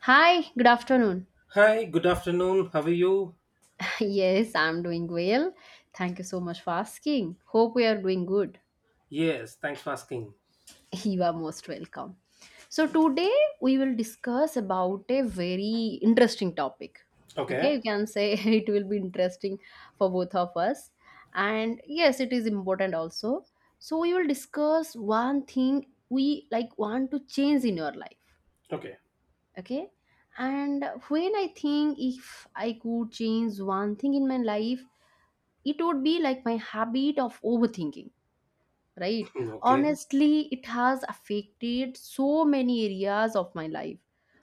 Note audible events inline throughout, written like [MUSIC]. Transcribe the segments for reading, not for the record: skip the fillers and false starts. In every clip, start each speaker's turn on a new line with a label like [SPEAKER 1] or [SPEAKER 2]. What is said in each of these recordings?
[SPEAKER 1] Hi, good afternoon.
[SPEAKER 2] Hi, good afternoon. How are you?
[SPEAKER 1] [LAUGHS] Yes, I'm doing well. Thank you so much for asking. Hope we are doing good.
[SPEAKER 2] Yes, thanks for asking.
[SPEAKER 1] [LAUGHS] You are most welcome. So today we will discuss about a very interesting topic. Okay,
[SPEAKER 2] Okay.
[SPEAKER 1] you can say [LAUGHS] it will be interesting for both of us. And yes, it is important also. So we will discuss one thing we like want to change in your life.
[SPEAKER 2] Okay.
[SPEAKER 1] Okay? And when I think if I could change one thing in my life, it would be like my habit of overthinking, right.
[SPEAKER 2] [CLEARS THROAT] Okay.
[SPEAKER 1] Honestly, it has affected so many areas of my life,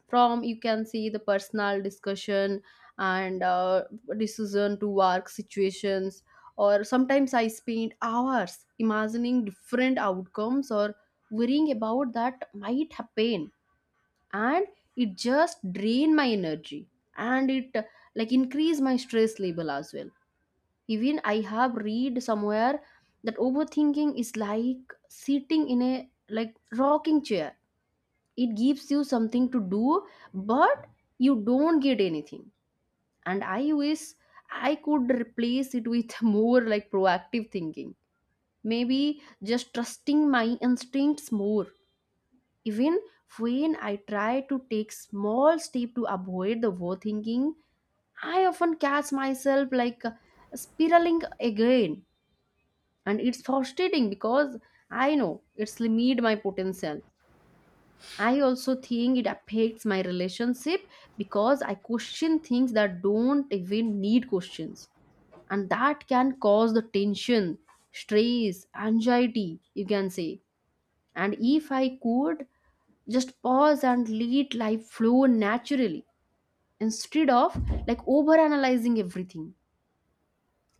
[SPEAKER 1] from you can see the personal discussion and decision to work situations, or sometimes I spend hours imagining different outcomes or worrying about that might happen, and it just drain my energy, and it like increase my stress level as well. Even I have read somewhere that overthinking is like sitting in a like rocking chair. It gives you something to do, but you don't get anything. And I wish I could replace it with [LAUGHS] more like proactive thinking. Maybe just trusting my instincts more. Even when I try to take small step to avoid the overthinking, I often catch myself like spiraling again, and it's frustrating because I know it's limit my potential. I also think it affects my relationship because I question things that don't even need questions, and that can cause the tension, stress, anxiety, you can say. And if I could just pause and let life flow naturally instead of like over analyzing everything,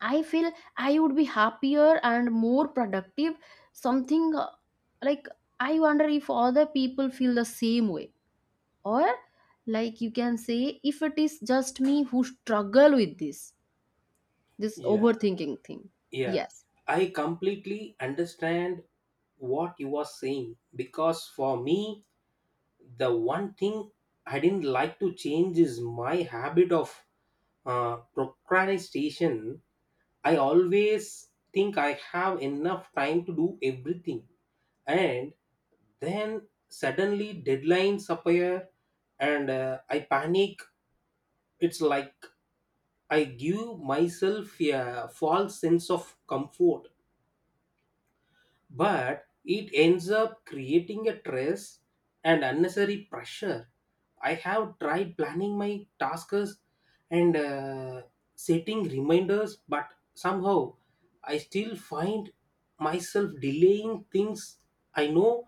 [SPEAKER 1] I feel I would be happier and more productive. Something like I wonder if other people feel the same way, or like you can say, if it is just me who struggle with this
[SPEAKER 2] Yeah.
[SPEAKER 1] overthinking thing.
[SPEAKER 2] Yeah.
[SPEAKER 1] Yes.
[SPEAKER 2] I completely understand what you are saying because for me, the one thing I didn't like to change is my habit of procrastination. I always think I have enough time to do everything, and then suddenly deadlines appear and I panic. It's like I give myself a false sense of comfort, but it ends up creating a stress and unnecessary pressure. I have tried planning my tasks and setting reminders, but somehow I still find myself delaying things I know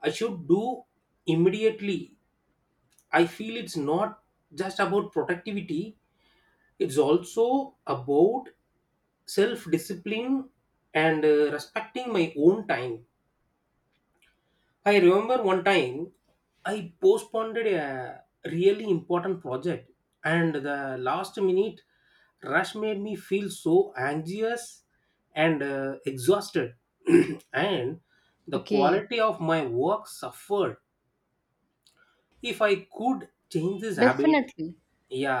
[SPEAKER 2] I should do immediately. I feel it's not just about productivity, it's also about self discipline and respecting my own time. I remember one time I postponed a really important project, and the last minute rush made me feel so anxious and exhausted, [CLEARS THROAT] and the
[SPEAKER 1] Okay.
[SPEAKER 2] quality of my work suffered. If I could change this habit,
[SPEAKER 1] Definitely,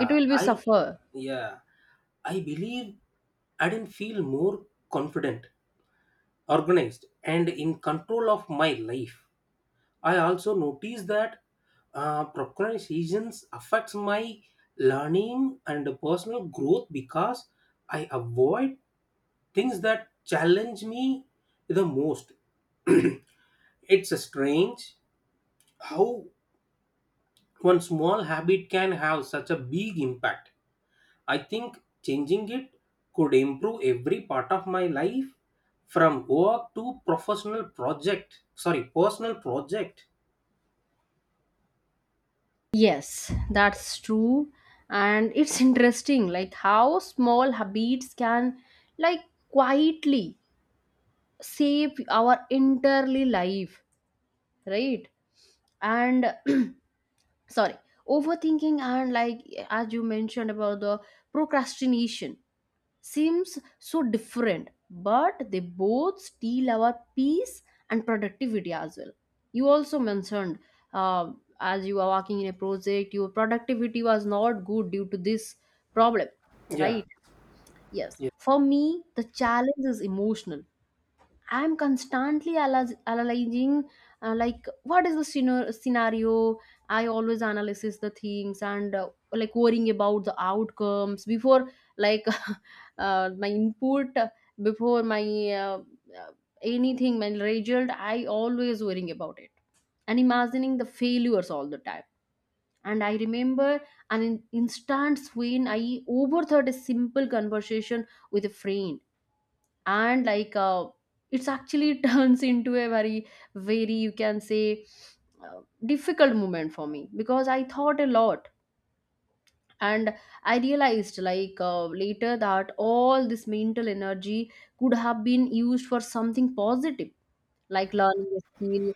[SPEAKER 1] it will be suffer.
[SPEAKER 2] yeah. I believe I didn't feel more confident, organized, and in control of my life. I also noticed that procrastination affects my learning and personal growth because I avoid things that challenge me the most. It's strange how one small habit can have such a big impact. I think changing it could improve every part of my life from work to professional project. Sorry, personal project.
[SPEAKER 1] Yes, that's true. And it's interesting, like how small habits can, like, quietly save our entirely life, right. And [CLEARS THROAT] sorry, overthinking and like as you mentioned about the procrastination seems so different, but they both steal our peace and productivity as well. You also mentioned uh, as you were working in a project your productivity was not good due to this problem,
[SPEAKER 2] Yeah.
[SPEAKER 1] right? Yes,
[SPEAKER 2] Yeah.
[SPEAKER 1] for me the challenge is emotional. I'm analyzing, like, what is the scenario? I always analysis the things and like worrying about the outcomes before, like, [LAUGHS] my input, before my uh, uh, anything, my result. I always worrying about it and imagining the failures all the time. And I remember instance when I overthought a simple conversation with a friend, and like it's actually [LAUGHS] turns into a very very, you can say, difficult moment for me because I thought a lot, and I realized like later that all this mental energy could have been used for something positive, like learning a skill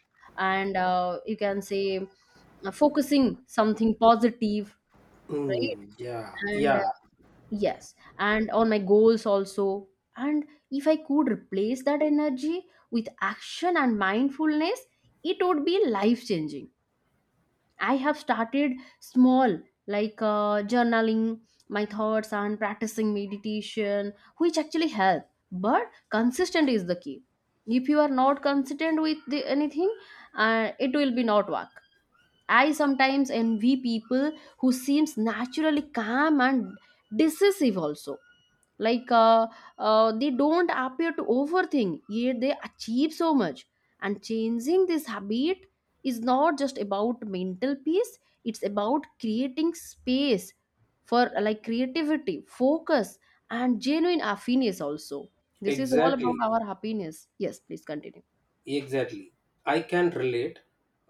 [SPEAKER 1] and, you can say, focusing something positive,
[SPEAKER 2] Mm,
[SPEAKER 1] right.
[SPEAKER 2] yeah.
[SPEAKER 1] and
[SPEAKER 2] Yeah.
[SPEAKER 1] Yes, and on my goals also. And if I could replace that energy with action and mindfulness, it would be life changing. I have started small, like journaling my thoughts and practicing meditation, which actually help. But consistent is the key. If you are not consistent with the, anything, it will be not work. I sometimes envy people who seems naturally calm and decisive also, like they don't appear to overthink yet they achieve so much. And changing this habit is not just about mental peace, it's about creating space for like creativity, focus, and genuine happiness also. This is all
[SPEAKER 2] Exactly.
[SPEAKER 1] about our happiness. Yes, please continue.
[SPEAKER 2] Exactly. I can relate.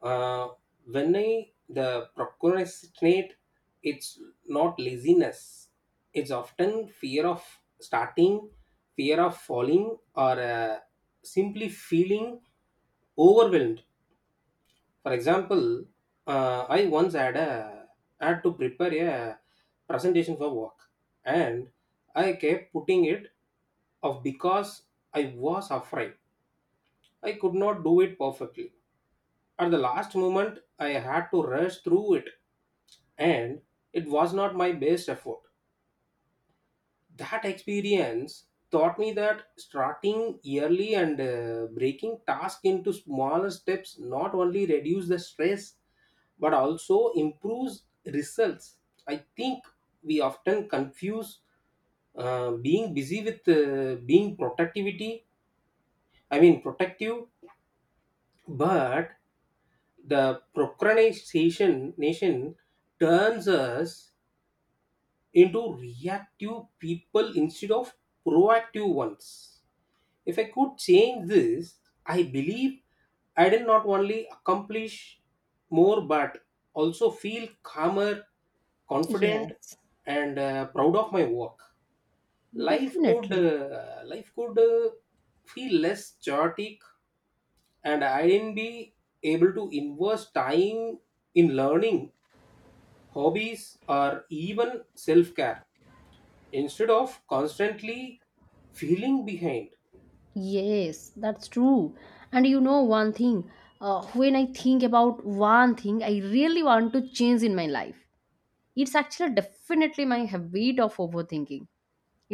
[SPEAKER 2] Uh, when I the procrastinate, it's not laziness. It's often fear of starting, fear of falling, or simply feeling overwhelmed. For example, I once had to prepare a presentation for work, and I kept putting it off because I was afraid I could not do it perfectly. At the last moment, I had to rush through it, and it was not my best effort. That experience taught me that starting early and breaking tasks into smaller steps not only reduce the stress but also improves results. I think we often confuse being busy with being productivity. I mean productive, but the procrastination nation turns us into reactive people instead of proactive ones. If I could change this, I believe I did not only accomplish more but also feel calmer, confident,
[SPEAKER 1] Yes,
[SPEAKER 2] and proud of my work.
[SPEAKER 1] definitely.
[SPEAKER 2] Life could feel less chaotic, and I didn't be able to invest time in learning, hobbies, or even self care instead of constantly feeling behind.
[SPEAKER 1] Yes, that's true. And you know one thing, when I think about one thing I really want to change in my life, it's actually definitely my habit of overthinking.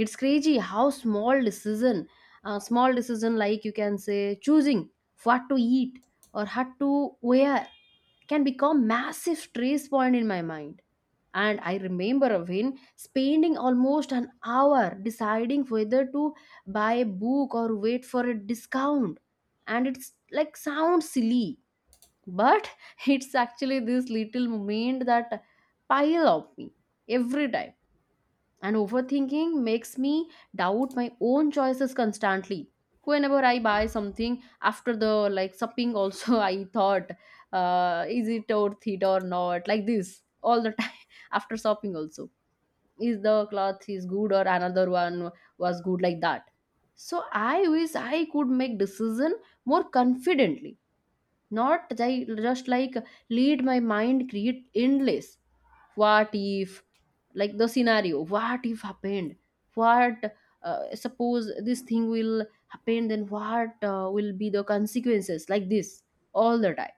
[SPEAKER 1] It's crazy how small decision, small decision, like you can say, choosing what to eat or what to wear, can become massive stress point in my mind. And I remember Avin spending almost an hour deciding whether to buy a book or wait for a discount. And it's like sounds silly, but [LAUGHS] it's actually this little moment that pile up me every time. And overthinking makes me doubt my own choices constantly. Whenever I buy something, after the like shopping also, [LAUGHS] I thought, is it worth it or not, like this all the time. [LAUGHS] After shopping also, is the cloth is good or another one was good, like that. So I wish I could make decision more confidently, not they just like lead my mind create endless what if, like the scenario what if happened, what, suppose this thing will happen then what will be the consequences, like this all the time.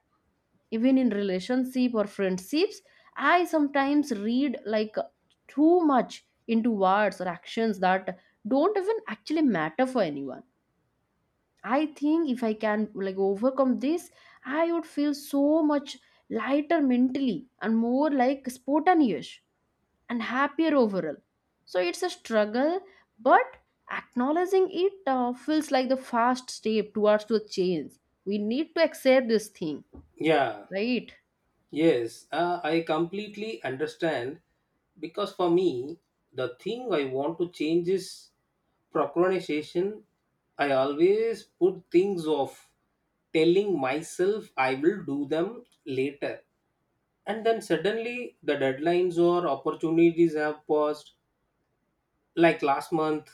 [SPEAKER 1] Even in relationship or friendships, I sometimes read like too much into words or actions that don't even actually matter for anyone. I think if I can like overcome this, I would feel so much lighter mentally and more like spontaneous and happier overall. So it's a struggle, but acknowledging it feels like the first step towards the change. We need to accept this thing,
[SPEAKER 2] Yeah,
[SPEAKER 1] right?
[SPEAKER 2] yes, I completely understand because for me, the thing I want to change is procrastination. I always put things off, telling myself I will do them later. And then suddenly the deadlines or opportunities have passed. Like last month,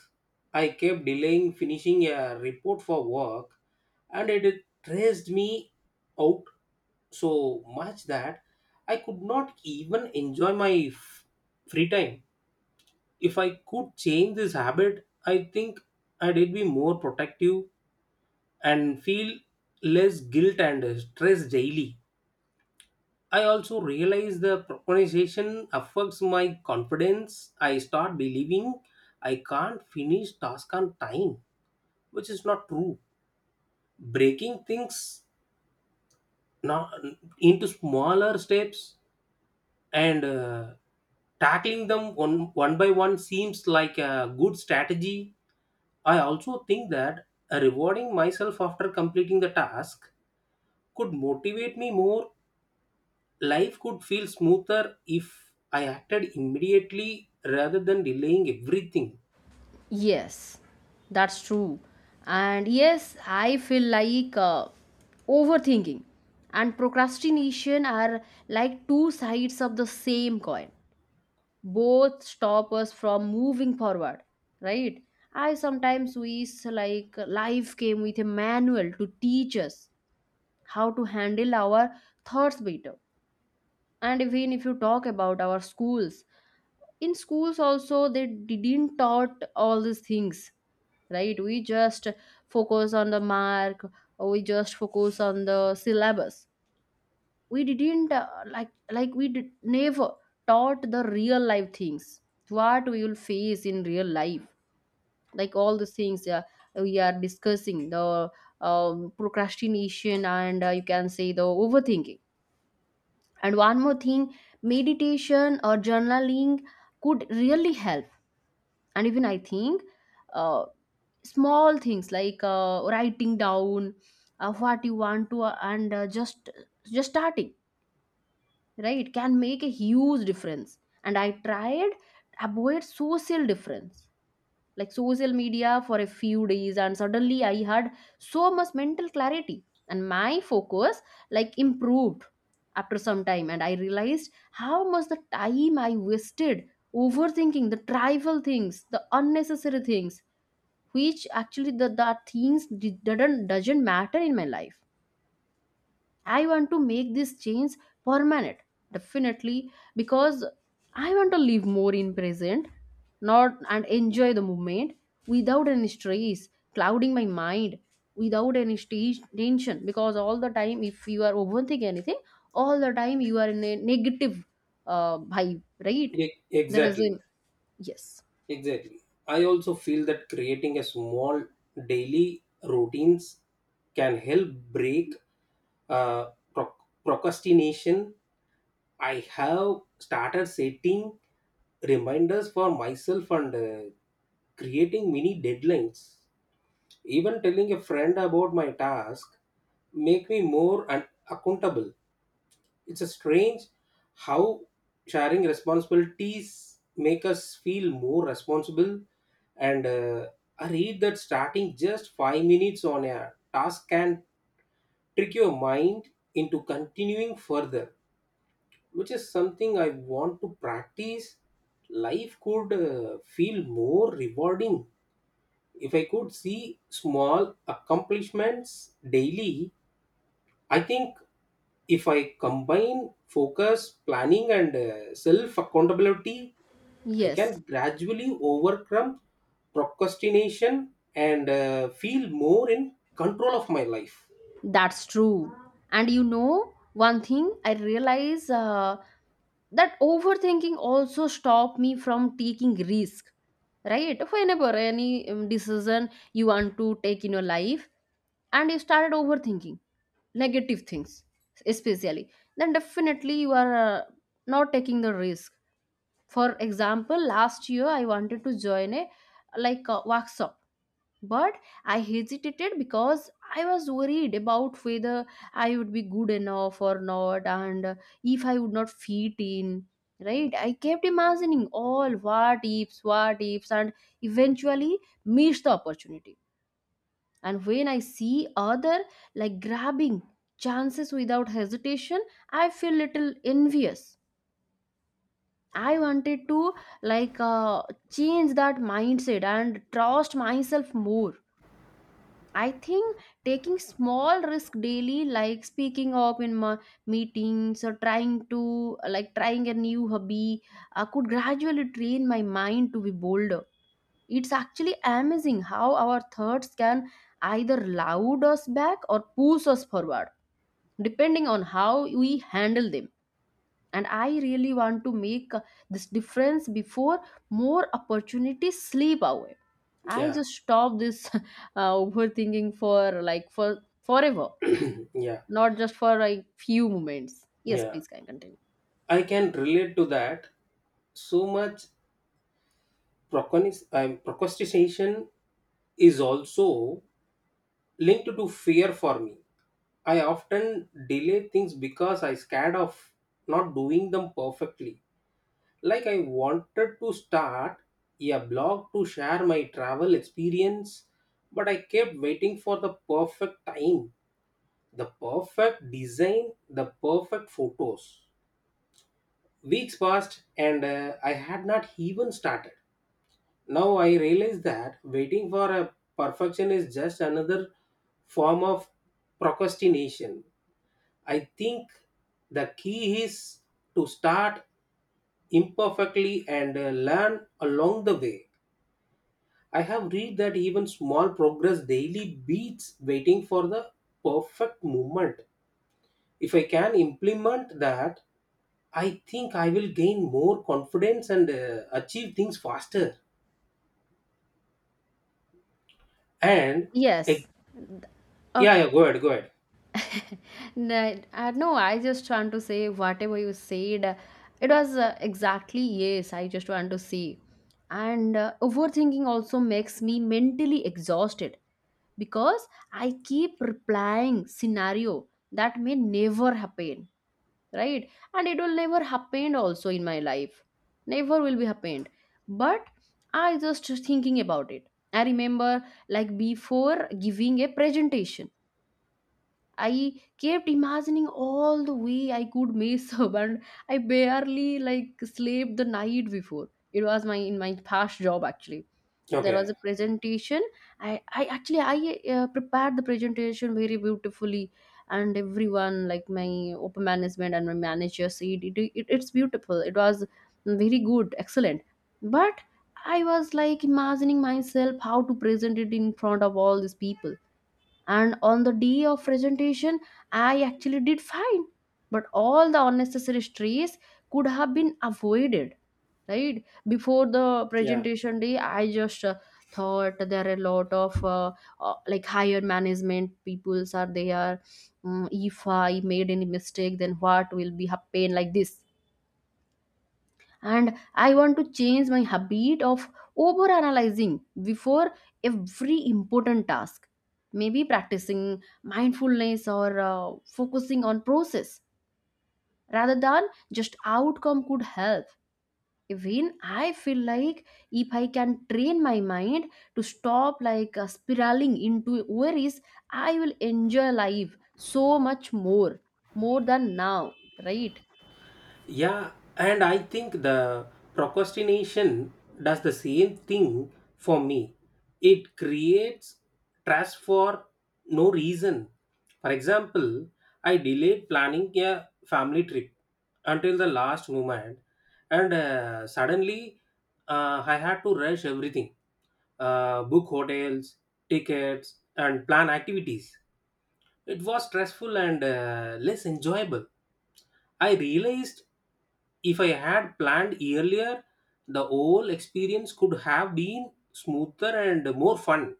[SPEAKER 2] I kept delaying finishing a report for work and it stressed me out so much that I could not even enjoy my free time. If I could change this habit, I think I'd be more protective and feel less guilt and stress daily. I also realize the procrastination affects my confidence. I start believing I can't finish task on time, which is not true. Breaking things not into smaller steps and tackling them one by one seems like a good strategy. I also think that rewarding myself after completing the task could motivate me more. Life could feel smoother if I acted immediately rather than delaying everything.
[SPEAKER 1] Yes, that's true. And yes, I feel like overthinking and procrastination are like two sides of the same coin, both stop us from moving forward, right. I sometimes wish like life came with a manual to teach us how to handle our thoughts better. And even if you talk about our schools, in schools also they didn't taught all these things, right? We just focus on the mark, or we just focus on the syllabus. We didn't like we did, never taught the real life things, what we will face in real life, like all the things we are discussing, the procrastination and you can say the overthinking. And one more thing, meditation or journaling could really help. And even I think uh, small things like writing down what you want to and just starting, right, can make a huge difference. And I tried avoid social difference, like social media for a few days, and suddenly I had so much mental clarity and my focus like improved after some time. And I realized how much the time I wasted overthinking the trivial things, the unnecessary things, which actually the things didn't doesn't matter in my life. I want to make this change permanent, definitely, because I want to live more in present, not, and enjoy the moment without any stress clouding my mind, without any stage tension. Because all the time, if you are overthinking anything, all the time you are in a negative vibe, right? There is
[SPEAKER 2] Exactly,
[SPEAKER 1] a Yes.
[SPEAKER 2] exactly. I also feel that creating a small daily routines can help break uh, procrastination. I have started setting reminders for myself and creating mini deadlines. Even telling a friend about my task make me more accountable. It's a strange how sharing responsibilities make us feel more responsible. And I read that starting just 5 minutes on a task can trick your mind into continuing further, which is something I want to practice. Life could feel more rewarding if I could see small accomplishments daily. I think if I combine focus, planning, and self accountability, I
[SPEAKER 1] Yes,
[SPEAKER 2] can gradually overcome procrastination and feel more in control of my life.
[SPEAKER 1] that's true. And you know, one thing I realize, that overthinking also stop me from taking risk, right. Whenever any decision you want to take in your life and you started overthinking negative things especially, then definitely you are not taking the risk. For example, last year I wanted to join a like a workshop, but I hesitated because I was worried about whether I would be good enough or not, and if I would not fit in, right. I kept imagining all what ifs, what ifs, and eventually missed the opportunity. And when I see other like grabbing chances without hesitation, I feel little envious. I wanted to like change that mindset and trust myself more. I think taking small risk daily, like speaking up in my meetings or trying to like trying a new hobby, could gradually train my mind to be bolder. It's actually amazing how our thoughts can either loud us back or push us forward, depending on how we handle them. And I really want to make this difference before more opportunities slip away. I
[SPEAKER 2] Yeah,
[SPEAKER 1] just stop this [LAUGHS] overthinking for like for forever,
[SPEAKER 2] [CLEARS THROAT] yeah,
[SPEAKER 1] not just for like few moments. Yes,
[SPEAKER 2] yeah.
[SPEAKER 1] please can continue.
[SPEAKER 2] I can relate to that so much. Procrastination is also linked to fear for me. I often delay things because I scared of not doing them perfectly. Like I wanted to start a blog to share my travel experience, but I kept waiting for the perfect time, the perfect design, the perfect photos. Weeks passed and I had not even started. Now I realize that waiting for a perfection is just another form of procrastination. I think the key is to start imperfectly and learn along the way. I have read that even small progress daily beats waiting for the perfect moment. If I can implement that, I think I will gain more confidence and achieve things faster. And eh,
[SPEAKER 1] Yes,
[SPEAKER 2] yeah,
[SPEAKER 1] okay.
[SPEAKER 2] yeah, go ahead, go ahead.
[SPEAKER 1] No, no, I just want to say whatever you said, it was exactly, yes, I just want to say. And overthinking also makes me mentally exhausted because I keep replying scenario that may never happen, right? And it will never happen also in my life. Never will be happened. But I just thinking about it. I remember like before giving a presentation, I kept imagining all the way I could mess [LAUGHS] up, and I barely like slept the night before. It was my in my past job actually. There was
[SPEAKER 2] Okay.
[SPEAKER 1] a presentation. I prepared the presentation very beautifully, and everyone like my upper management and my manager said it, it's beautiful. It was very good, excellent. But I was like imagining myself how to present it in front of all these people, and on the day of presentation I actually did fine, but all the unnecessary stress could have been avoided. Right before the
[SPEAKER 2] Yeah.
[SPEAKER 1] presentation day, I just thought there are a lot of like higher management peoples are there. If I made any mistake, then what will be happen, like this. And I want to change my habit of over analyzing before every important task. Maybe practicing mindfulness or focusing on process rather than just outcome could help. Even I feel like if I can train my mind to stop like spiraling into worries, I will enjoy life so much more, more than now, right?
[SPEAKER 2] Yeah. And I think the procrastination does the same thing for me. It creates stress for no reason. For example, I delayed planning a family trip until the last moment, and suddenly I had to rush everything, book hotels, tickets, and plan activities. It was stressful and less enjoyable. I realized if I had planned earlier, the whole experience could have been smoother and more fun.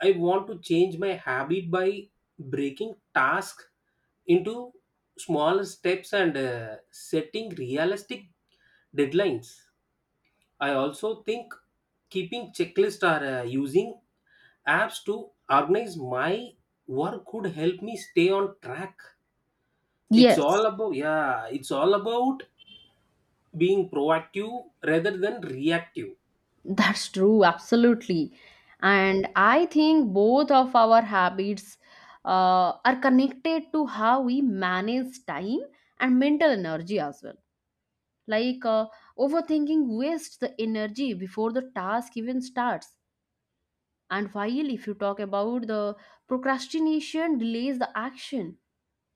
[SPEAKER 2] I want to change my habit by breaking tasks into small steps and setting realistic deadlines. I also think keeping checklists or using apps to organize my work could help me stay on track. It's all
[SPEAKER 1] Yes.
[SPEAKER 2] about yeah, it's all about being proactive rather than reactive.
[SPEAKER 1] That's true, absolutely. And I think both of our habits are connected to how we manage time and mental energy as well. Like overthinking wastes the energy before the task even starts. And while if you talk about the procrastination delays the action,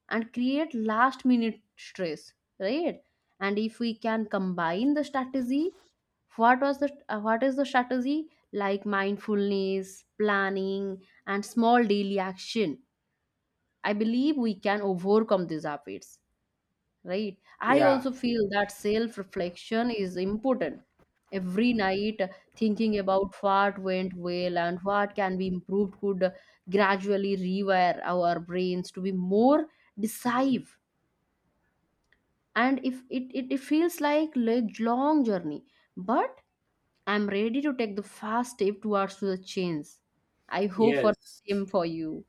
[SPEAKER 1] and create last minute stress, right? And if we can combine the strategy, what was the what is the strategy, like mindfulness planning and small daily action, I believe we can overcome these habits, right? I
[SPEAKER 2] Yeah,
[SPEAKER 1] also feel that self reflection is important. Every night, thinking about what went well and what can be improved could gradually rewire our brains to be more decisive. And if it feels like a long journey, but I'm ready to take the first step towards the change. I hope for
[SPEAKER 2] yes,
[SPEAKER 1] the same for you.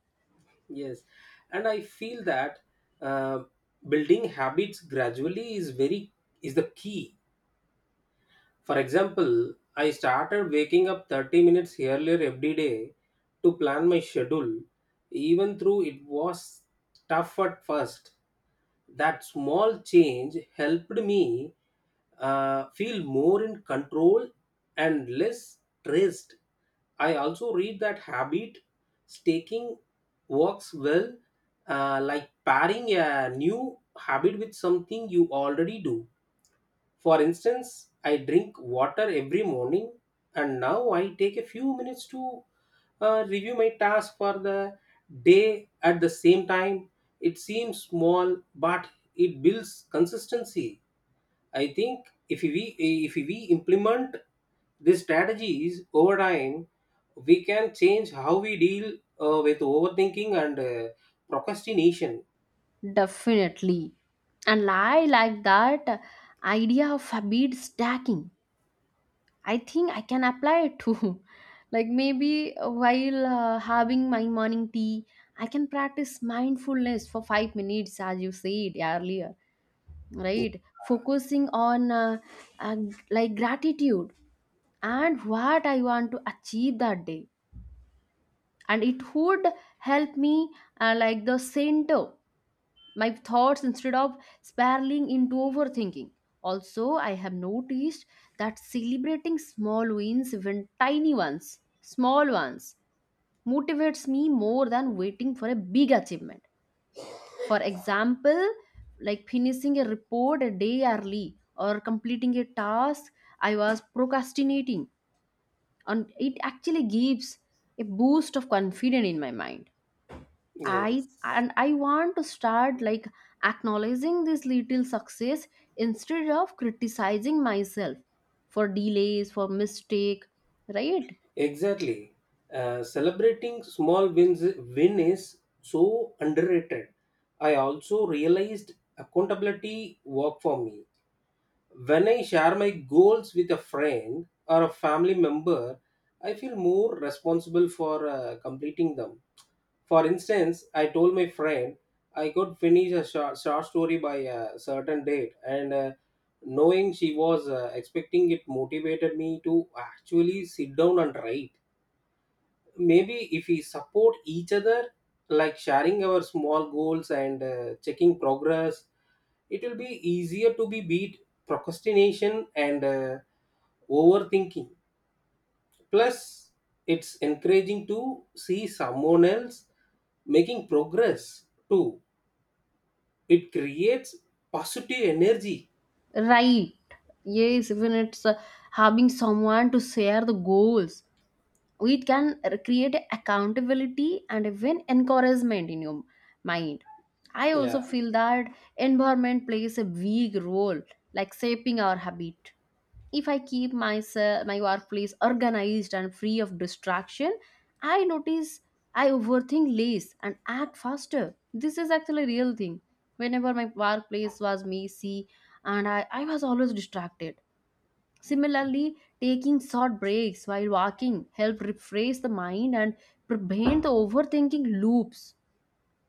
[SPEAKER 2] yes, and I feel that uh, building habits gradually is the key. For example, I started waking up 30 minutes earlier every day to plan my schedule, even though it was tough at first. That small change helped me feel more in control and less stressed. I also read that habit staking works well, like pairing a new habit with something you already do. For instance, I drink water every morning, and now I take a few minutes to review my task for the day at the same time. It seems small, but it builds consistency. I think if we implement these strategies over time, we can change how we deal with overthinking and procrastination.
[SPEAKER 1] Definitely. And I like that idea of a habit stacking. I think I can apply it too, [LAUGHS] like maybe while having my morning tea I can practice mindfulness for 5 minutes as you said earlier, right? Focusing on uh, like gratitude and what I want to achieve that day. And it would help me, like the center my thoughts instead of spiraling into overthinking. Also, I have noticed that celebrating small wins, even tiny ones, small ones, motivates me more than waiting for a big achievement. For example, like finishing a report a day early or completing a task I was procrastinating, and it actually gives a boost of confidence in my mind. i
[SPEAKER 2] Yes,
[SPEAKER 1] and i want to start like acknowledging this little success instead of criticizing myself for delays, for mistake, right?
[SPEAKER 2] exactly. Celebrating small wins win is so underrated. I also realized accountability work for me. When I share my goals with a friend or a family member, I feel more responsible for completing them. For instance, I told my friend I could finish a short story by a certain date, and knowing she was expecting it motivated me to actually sit down and write. Maybe if we support each other, like sharing our small goals and checking progress, it will be easier to be beat procrastination and overthinking. Plus, it's encouraging to see someone else making progress too. It creates positive energy.
[SPEAKER 1] Right. Yes, even it's having someone to share the goals, we can create accountability and even encouragement in your mind. I also
[SPEAKER 2] Yeah,
[SPEAKER 1] feel that environment plays a big role, like shaping our habit. If I keep myself, my workplace organized and free of distraction, I notice I overthink less and act faster. This is actually a real thing. Whenever my workplace was messy and I was always distracted. Similarly, taking short breaks while walking help refresh the mind and prevent the overthinking loops,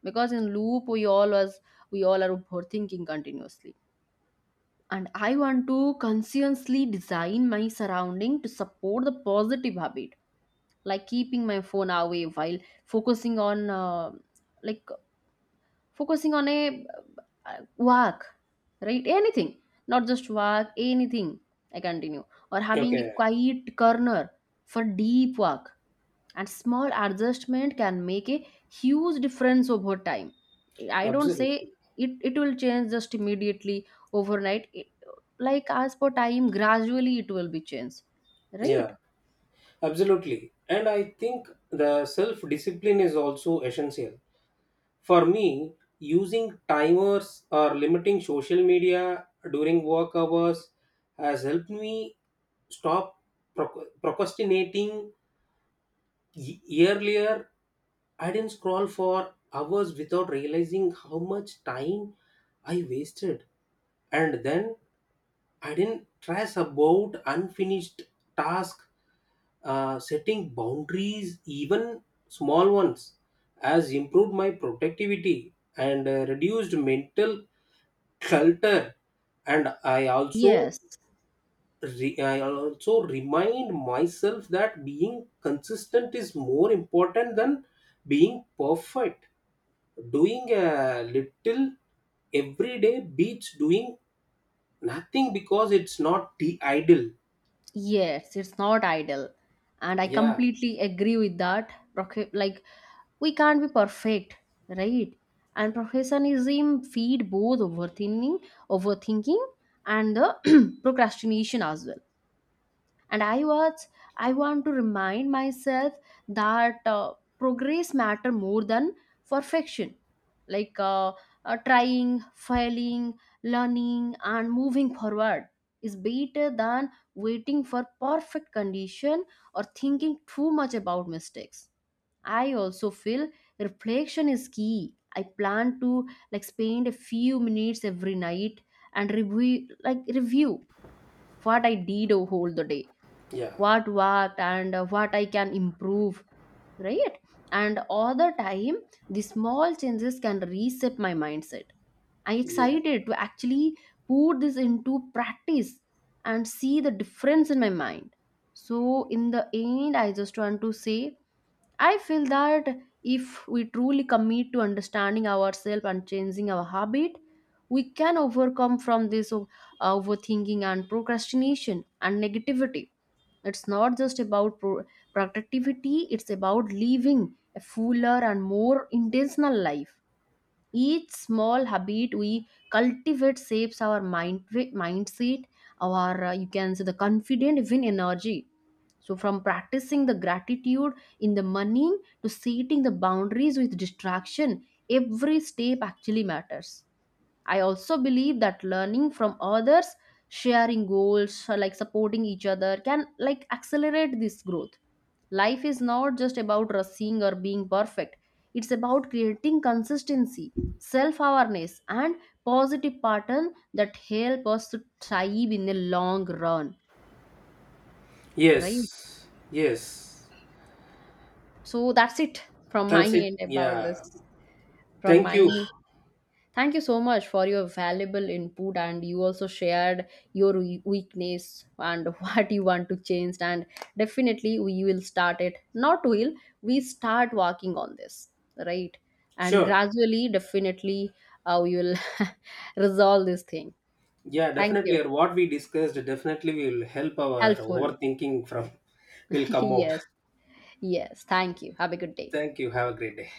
[SPEAKER 1] because in loop we all are overthinking continuously. And I want to consciously design my surrounding to support the positive habit, like keeping my phone away while focusing on like focusing on a work. Right, anything, not just work, anything. I continue, or having a
[SPEAKER 2] okay,
[SPEAKER 1] quiet corner for deep work, and small adjustment can make a huge difference over time. I don't say
[SPEAKER 2] absolutely.
[SPEAKER 1] it will change just immediately overnight. Like as per time gradually it will be changed, right?
[SPEAKER 2] Yeah, absolutely, and I think the self discipline is also essential. For me, using timers or limiting social media during work hours has helped me stop procrastinating. Earlier, I didn't scroll for hours without realizing how much time I wasted. And then I didn't stress about unfinished task. Setting boundaries, even small ones, has improved my productivity and reduced mental clutter. And
[SPEAKER 1] Yes.
[SPEAKER 2] I also remind myself that being consistent is more important than being perfect. Doing a little every day beats doing nothing because it's not the ideal.
[SPEAKER 1] Yes, it's not ideal. And I
[SPEAKER 2] Yeah,
[SPEAKER 1] completely agree with that. Like, we can't be perfect, right? And professionalism feed both overthinking and the [CLEARS THROAT] procrastination as well. And I was I want to remind myself that progress matter more than perfection, like trying, failing, learning and moving forward is better than waiting for perfect condition or thinking too much about mistakes. I also feel reflection is key. I plan to like spend a few minutes every night and review what I did whole the day,
[SPEAKER 2] yeah,
[SPEAKER 1] what I can improve, right? And all the time the small changes can reset my mindset. I'm
[SPEAKER 2] yeah.
[SPEAKER 1] excited to actually put this into practice and see the difference in my mind. So in the end I just want to say I feel that if we truly commit to understanding ourselves and changing our habit, we can overcome from this overthinking and procrastination and negativity. It's not just about productivity, it's about living a fuller and more intentional life. Each small habit we cultivate shapes our mindset, our you can say the confident win energy. So from practicing the gratitude in the morning to setting the boundaries with distraction, every step actually matters. I also believe that learning from others, sharing goals, or like supporting each other can like accelerate this growth. Life is not just about rushing or being perfect. It's about creating consistency, self-awareness and positive pattern that help us to thrive in the long run, right?
[SPEAKER 2] Yes, yes.
[SPEAKER 1] So that's it from my
[SPEAKER 2] That's it.
[SPEAKER 1] end about
[SPEAKER 2] Yeah.
[SPEAKER 1] this, from
[SPEAKER 2] Thank
[SPEAKER 1] my—
[SPEAKER 2] you.
[SPEAKER 1] Thank you so much for your valuable input, and you also shared your weakness and [LAUGHS] what you want to change. And definitely, we will start it. Not will We start working on this, right? And
[SPEAKER 2] Sure.
[SPEAKER 1] gradually, definitely, we will [LAUGHS] resolve this thing.
[SPEAKER 2] Yeah,
[SPEAKER 1] Thank you.
[SPEAKER 2] definitely. Or what we discussed definitely will help our
[SPEAKER 1] Helpful.
[SPEAKER 2] overthinking from will
[SPEAKER 1] [LAUGHS]
[SPEAKER 2] come out.
[SPEAKER 1] yes. Yes. Thank you. Have a good day.
[SPEAKER 2] Thank you. Have a great day.